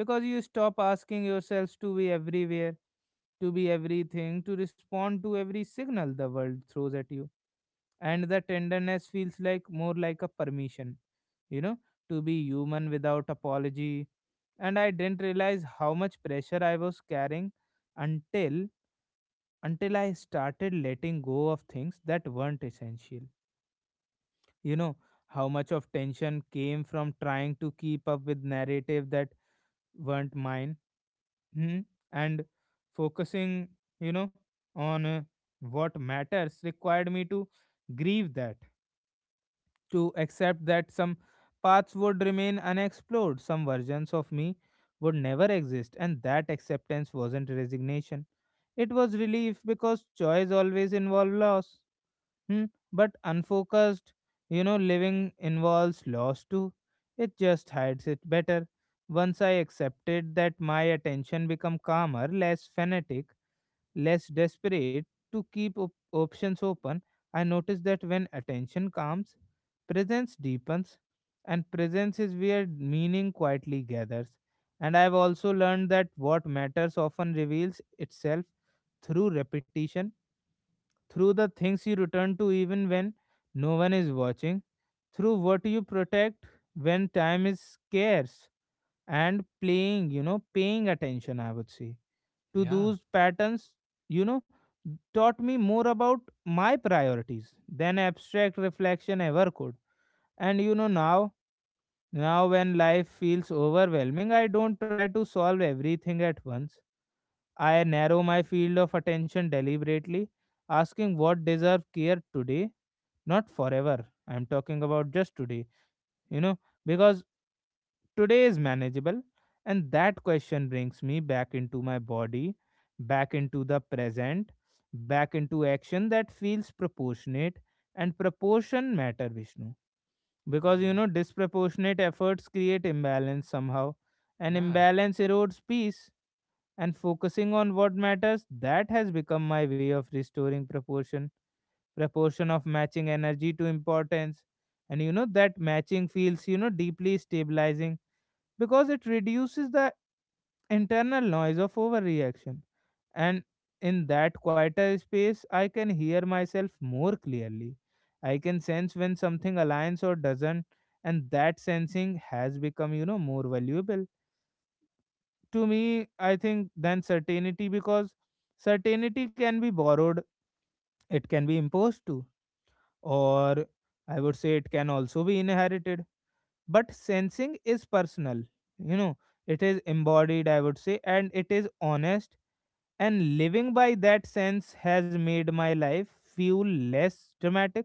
S1: because you stop asking yourselves to be everywhere, to be everything, to respond to every signal the world throws at you. And the tenderness feels like more like a permission, you know, to be human without apology. And I didn't realize how much pressure I was carrying until I started letting go of things that weren't essential. You know how much of tension came from trying to keep up with narrative that weren't mine. Hmm? And focusing, you know, on what matters required me to grieve that, to accept that some paths would remain unexplored, some versions of me would never exist. And that acceptance wasn't resignation. It was relief, because choice always involves loss. Hmm. But unfocused, living involves loss too. It just hides it better. Once I accepted that, my attention become calmer, less fanatic, less desperate to keep options open. I noticed that when attention calms, presence deepens, and presence is where meaning quietly gathers. And I've also learned that what matters often reveals itself through repetition, through the things you return to even when no one is watching, through what you protect when time is scarce. And playing, paying attention, I would say, to
S2: yeah.
S1: those patterns, you know, taught me more about my priorities than abstract reflection ever could. And now when life feels overwhelming, I don't try to solve everything at once. I narrow my field of attention deliberately, asking what deserve care today, not forever. I'm talking about just today, you know, because today is manageable. And that question brings me back into my body, back into the present, back into action that feels proportionate. And proportion matter, Vishnu. Because,
S2: Mm,
S1: disproportionate efforts create imbalance somehow. And
S2: yeah.
S1: imbalance erodes peace, and focusing on what matters, that has become my way of restoring proportion, proportion of matching energy to importance. And that matching feels, deeply stabilizing, because it reduces the internal noise of overreaction. And in that quieter space, I can hear myself more clearly, I can sense when something aligns or doesn't. And that sensing has become, more valuable to me, I think, than certainty, because certainty can be borrowed, it can be imposed to, or I would say it can also be inherited. But sensing is personal, you know, it is embodied, I would say, and it is honest. And living by that sense has made my life feel less dramatic,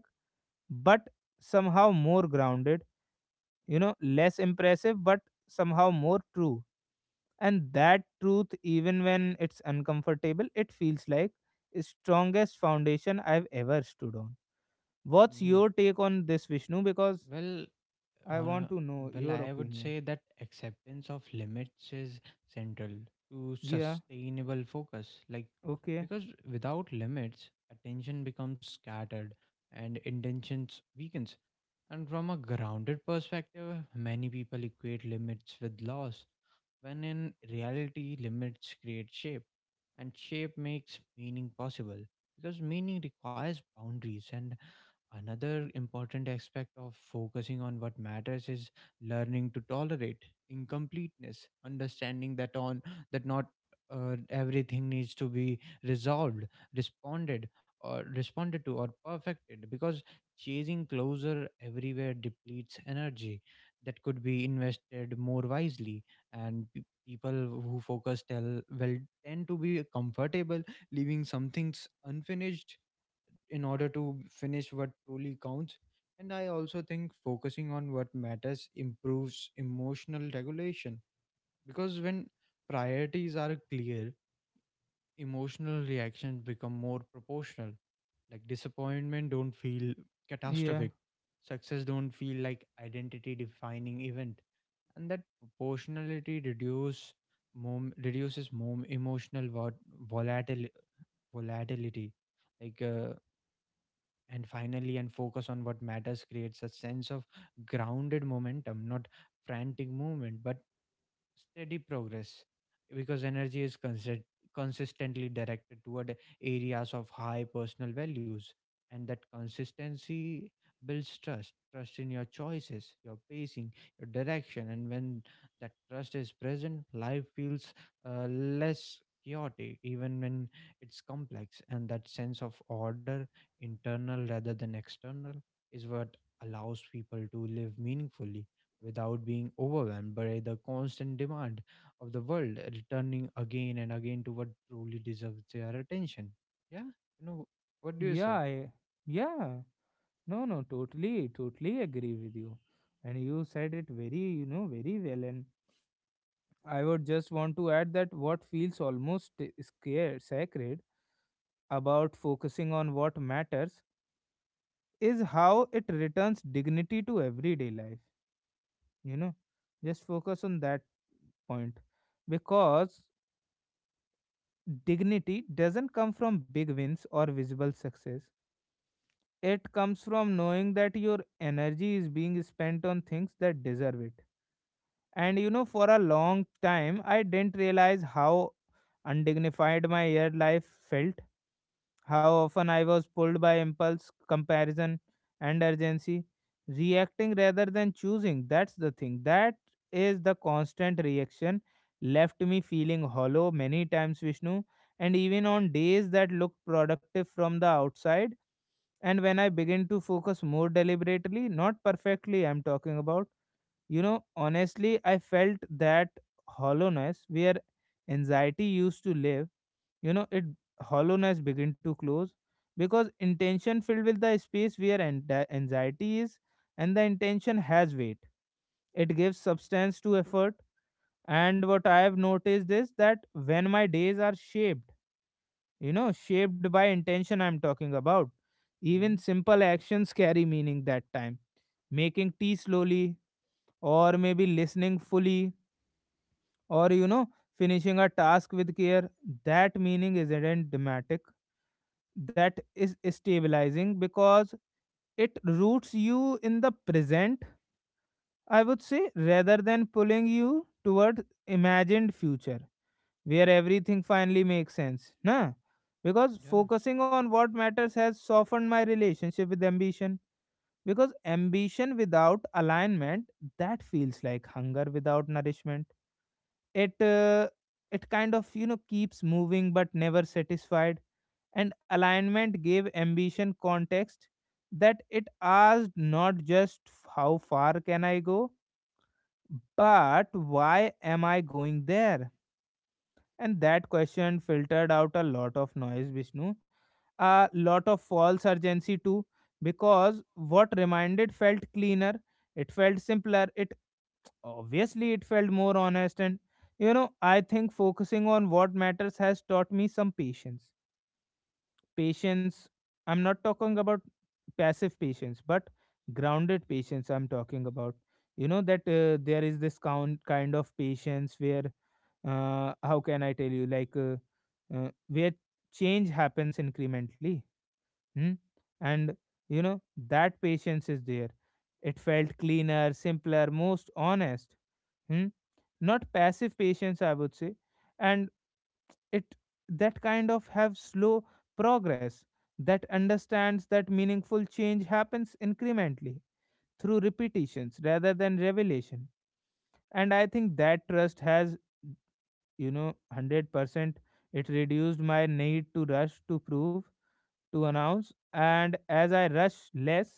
S1: but somehow more grounded, less impressive, but somehow more true. And that truth, even when it's uncomfortable, it feels like the strongest foundation I've ever stood on. What's
S2: Mm.
S1: your take on this, Vishnu? Because
S2: well
S1: I
S2: Or,
S1: want
S2: uh,
S1: to know
S2: well,
S1: your
S2: I would say
S1: opinion.
S2: that acceptance of limits is central to
S1: Yeah.
S2: sustainable focus. Like,
S1: Okay.
S2: because without limits, attention becomes scattered and intentions weakens. And from a grounded perspective, many people equate limits with loss, when in reality, limits create shape, and shape makes meaning possible, because meaning requires boundaries. And another important aspect of focusing on what matters is learning to tolerate incompleteness, understanding that not everything needs to be resolved, responded responded to or perfected, because chasing closer everywhere depletes energy that could be invested more wisely. And people who focus tell well tend to be comfortable leaving some things unfinished in order to finish what truly counts. And I also think focusing on what matters improves emotional regulation, because when priorities are clear, emotional reactions become more proportional. Like, disappointment don't feel
S1: Yeah,
S2: catastrophic. Success don't feel like identity defining event. And that proportionality reduce mom, reduces mom emotional vol- volatil- volatility. Like uh, and finally and focus on what matters creates a sense of grounded momentum, not frantic movement but steady progress, because energy is consistently directed toward areas of high personal values, and that consistency builds trust, trust in your choices, your pacing, your direction. And when that trust is present, life feels less chaotic even when it's complex, and that sense of order, internal rather than external, is what allows people to live meaningfully, without being overwhelmed by the constant demand of the world, returning again and again to what truly deserves their attention. Yeah, you know, what do you
S1: yeah.
S2: say?
S1: I, yeah. No, no, totally, totally agree with you. And you said it very, very well. And I would just want to add that what feels almost scared sacred about focusing on what matters is how it returns dignity to everyday life. You know, just focus on that point. Because dignity doesn't come from big wins or visible success, it comes from knowing that your energy is being spent on things that deserve it. And for a long time I didn't realize how undignified my year life felt. How often I was pulled by impulse, comparison, and urgency, reacting rather than choosing. That's the thing. That is the constant reaction left me feeling hollow many times, Vishnu. And even on days that looked productive from the outside, and when I begin to focus more deliberately, not perfectly, I'm talking about, honestly, I felt that hollowness where anxiety used to live. You know it hollowness begin to close because intention filled with the space where anxiety is. And the intention has weight, it gives substance to effort. And what I have noticed is that when my days are shaped, shaped by intention, I'm talking about,
S2: Hmm?
S1: even simple actions carry meaning. That time making tea slowly, or maybe listening fully, or finishing a task with care, that meaning isn't dramatic, that is stabilizing, because it roots you in the present, I would say, rather than pulling you toward imagined future where everything finally makes sense, nah. Because
S2: Yeah.
S1: focusing on what matters has softened my relationship with ambition, because ambition without alignment, that feels like hunger without nourishment. it uh, it kind of, keeps moving but never satisfied. And alignment gave ambition context, that it asked not just how far can I go, but why am I going there? And that question filtered out a lot of noise, Vishnu, a lot of false urgency too, because what reminded felt cleaner, it felt simpler, it, obviously it felt more honest. And I think focusing on what matters has taught me some patience. Patience, I'm not talking about passive patience but grounded patience, I'm talking about, that there is this count kind of patience where, how can I tell you, like, where change happens incrementally. Hmm? And, you know that patience is there. It felt cleaner, simpler, most honest. Hmm? Not passive patience, I would say. And it, that kind of have slow progress, that understands that meaningful change happens incrementally, through repetitions rather than revelation. And I think that trust has, you know 100% it reduced my need to rush, to prove, to announce. And as I rush less,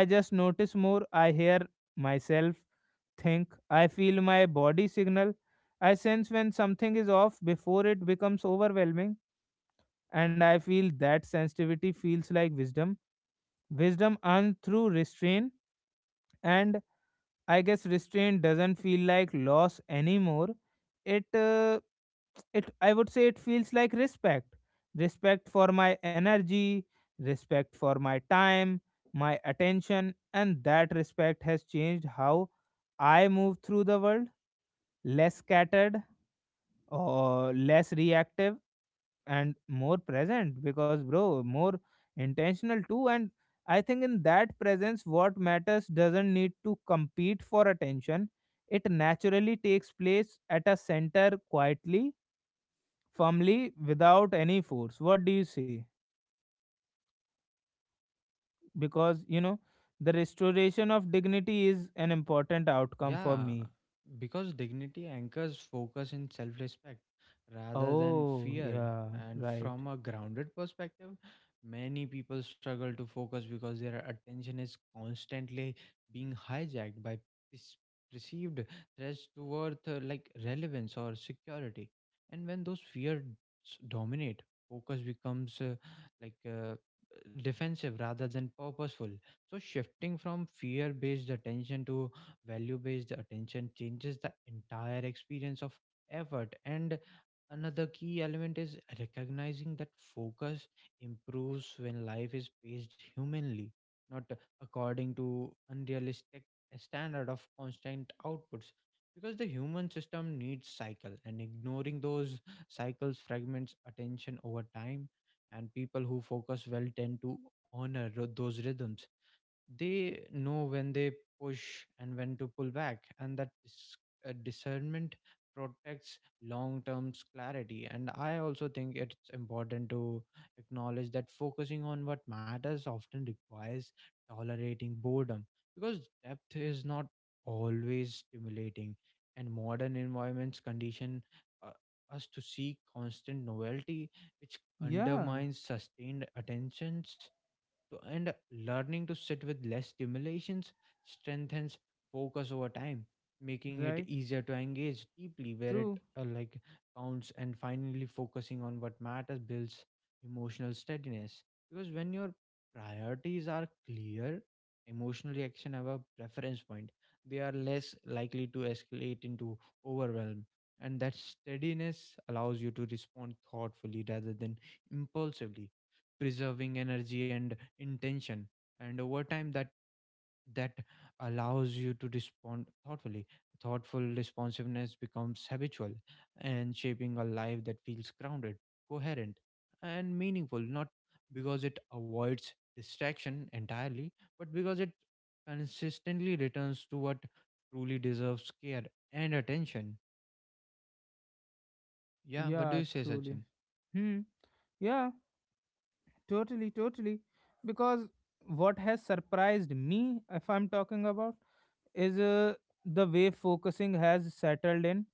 S1: I just notice more. I hear myself think, I feel my body signal, I sense when something is off before it becomes overwhelming. And I feel that sensitivity feels like wisdom. Wisdom earned through restraint. And I guess restraint doesn't feel like loss anymore. It, uh, it, I would say, it feels like respect. Respect for my energy, respect for my time, my attention. And that respect has changed how I move through the world. Less scattered or less reactive, and more present because, bro, more intentional too. And I think in that presence, what matters doesn't need to compete for attention. It naturally takes place at a center, quietly, firmly, without any force. What do you say? Because, the restoration of dignity is an important outcome for
S2: Yeah,
S1: me.
S2: because dignity anchors focus in self respect rather than
S1: Oh
S2: fear.
S1: yeah.
S2: And
S1: Right.
S2: from a grounded perspective, many people struggle to focus because their attention is constantly being hijacked by perce- perceived threats to worth, like relevance or security. And when those fears dominate, focus becomes like uh, defensive rather than purposeful. So, shifting from fear based attention to value based attention changes the entire experience of effort. And another key element is recognizing that focus improves when life is paced humanly, not according to unrealistic standard of constant outputs. Because the human system needs cycle, and ignoring those cycles fragments attention over time. And people who focus well tend to honor those rhythms. They know when they push and when to pull back, and that discernment protects long term clarity. And I also think it's important to acknowledge that focusing on what matters often requires tolerating boredom, because depth is not always stimulating, and modern environments condition uh, us to seek constant novelty, which
S1: Yeah,
S2: undermines sustained attention to. And learning to sit with less stimulations strengthens focus over time, making it
S1: right,
S2: easier to engage deeply where it
S1: true.
S2: counts. And finally, focusing on what matters builds emotional steadiness, because when your priorities are clear, emotional reaction have a preference point. They are less likely to escalate into overwhelm, and that steadiness allows you to respond thoughtfully rather than impulsively, preserving energy and intention. And over time, that allows you to respond thoughtfully, thoughtful responsiveness becomes habitual, and shaping a life that feels grounded, coherent, and meaningful, not because it avoids distraction entirely, but because it consistently returns to what truly deserves care and attention. Yeah. What do
S1: Yeah,
S2: you say,
S1: truly.
S2: Sachin?
S1: Hmm. Yeah. Totally, totally. Because what has surprised me, if I'm talking about, is, the way focusing has settled in,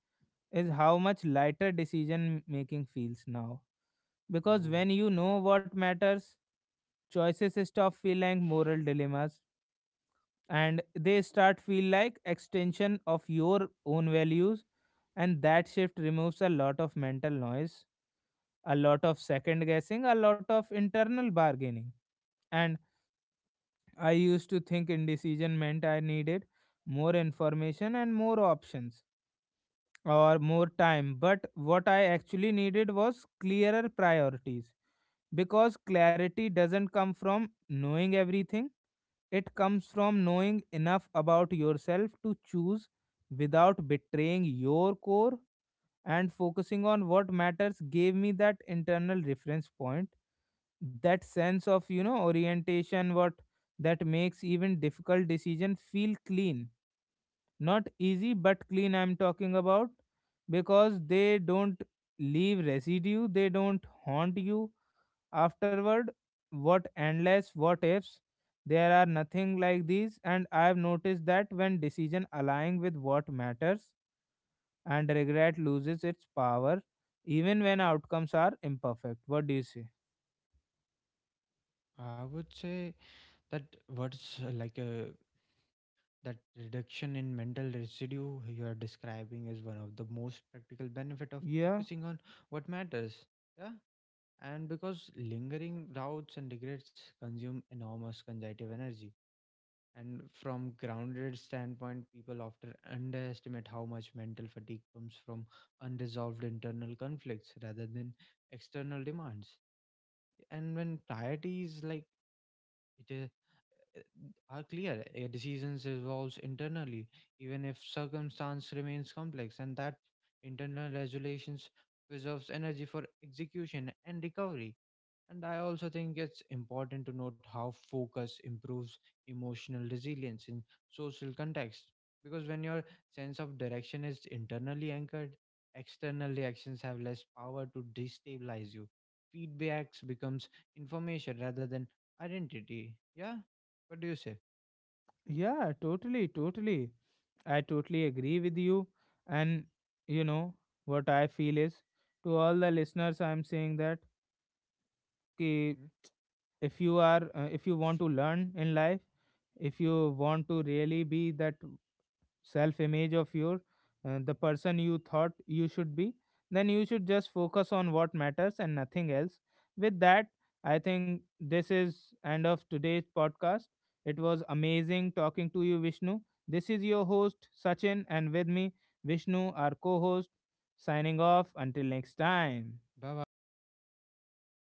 S1: is how much lighter decision making feels now. Because
S2: Oh.
S1: when you know what matters, choices stop feeling moral dilemmas, and they start feel like extension of your own values. And that shift removes a lot of mental noise, a lot of second guessing, a lot of internal bargaining. And I used to think indecision meant I needed more information and more options or more time, but what I actually needed was clearer priorities. Because clarity doesn't come from knowing everything, it comes from knowing enough about yourself to choose without betraying your core. And focusing on what matters gave me that internal reference point, that sense of, orientation, what, that makes even difficult decision feel clean, not easy but clean, I'm talking about, because they don't leave residue, they don't haunt you afterward, what endless what ifs. There are nothing like these. And I have noticed that when decision aligning with what matters, and regret loses its power, even when outcomes are imperfect. What do you say?
S2: I would say that what's like that reduction in mental residue you are describing is one of the most practical benefit of
S1: Yeah,
S2: focusing on what matters. Yeah, and because lingering doubts and regrets consume enormous cognitive energy. And from grounded standpoint, people often underestimate how much mental fatigue comes from unresolved internal conflicts rather than external demands. And when priorities like it is uh, are clear, a decision evolves internally, even if circumstance remains complex, and that internal regulations preserves energy for execution and recovery. And I also think it's important to note how focus improves emotional resilience in social context. Because when your sense of direction is internally anchored, external reactions have less power to destabilize you. Feedbacks becomes information rather than identity. Yeah? What do you say?
S1: yeah, totally, totally. I totally agree with you. And, you know what I feel is, to all the listeners, I'm saying that ki,
S2: Hmm?
S1: if you are, if you want to learn in life, if you want to really be that self image of your, the person you thought you should be, then you should just focus on what matters and nothing else. With that, I think this is end of today's podcast. It was amazing talking to you, Vishnu. This is your host Sachin, and with me Vishnu, our co-host, signing off until next time.
S2: Bye bye.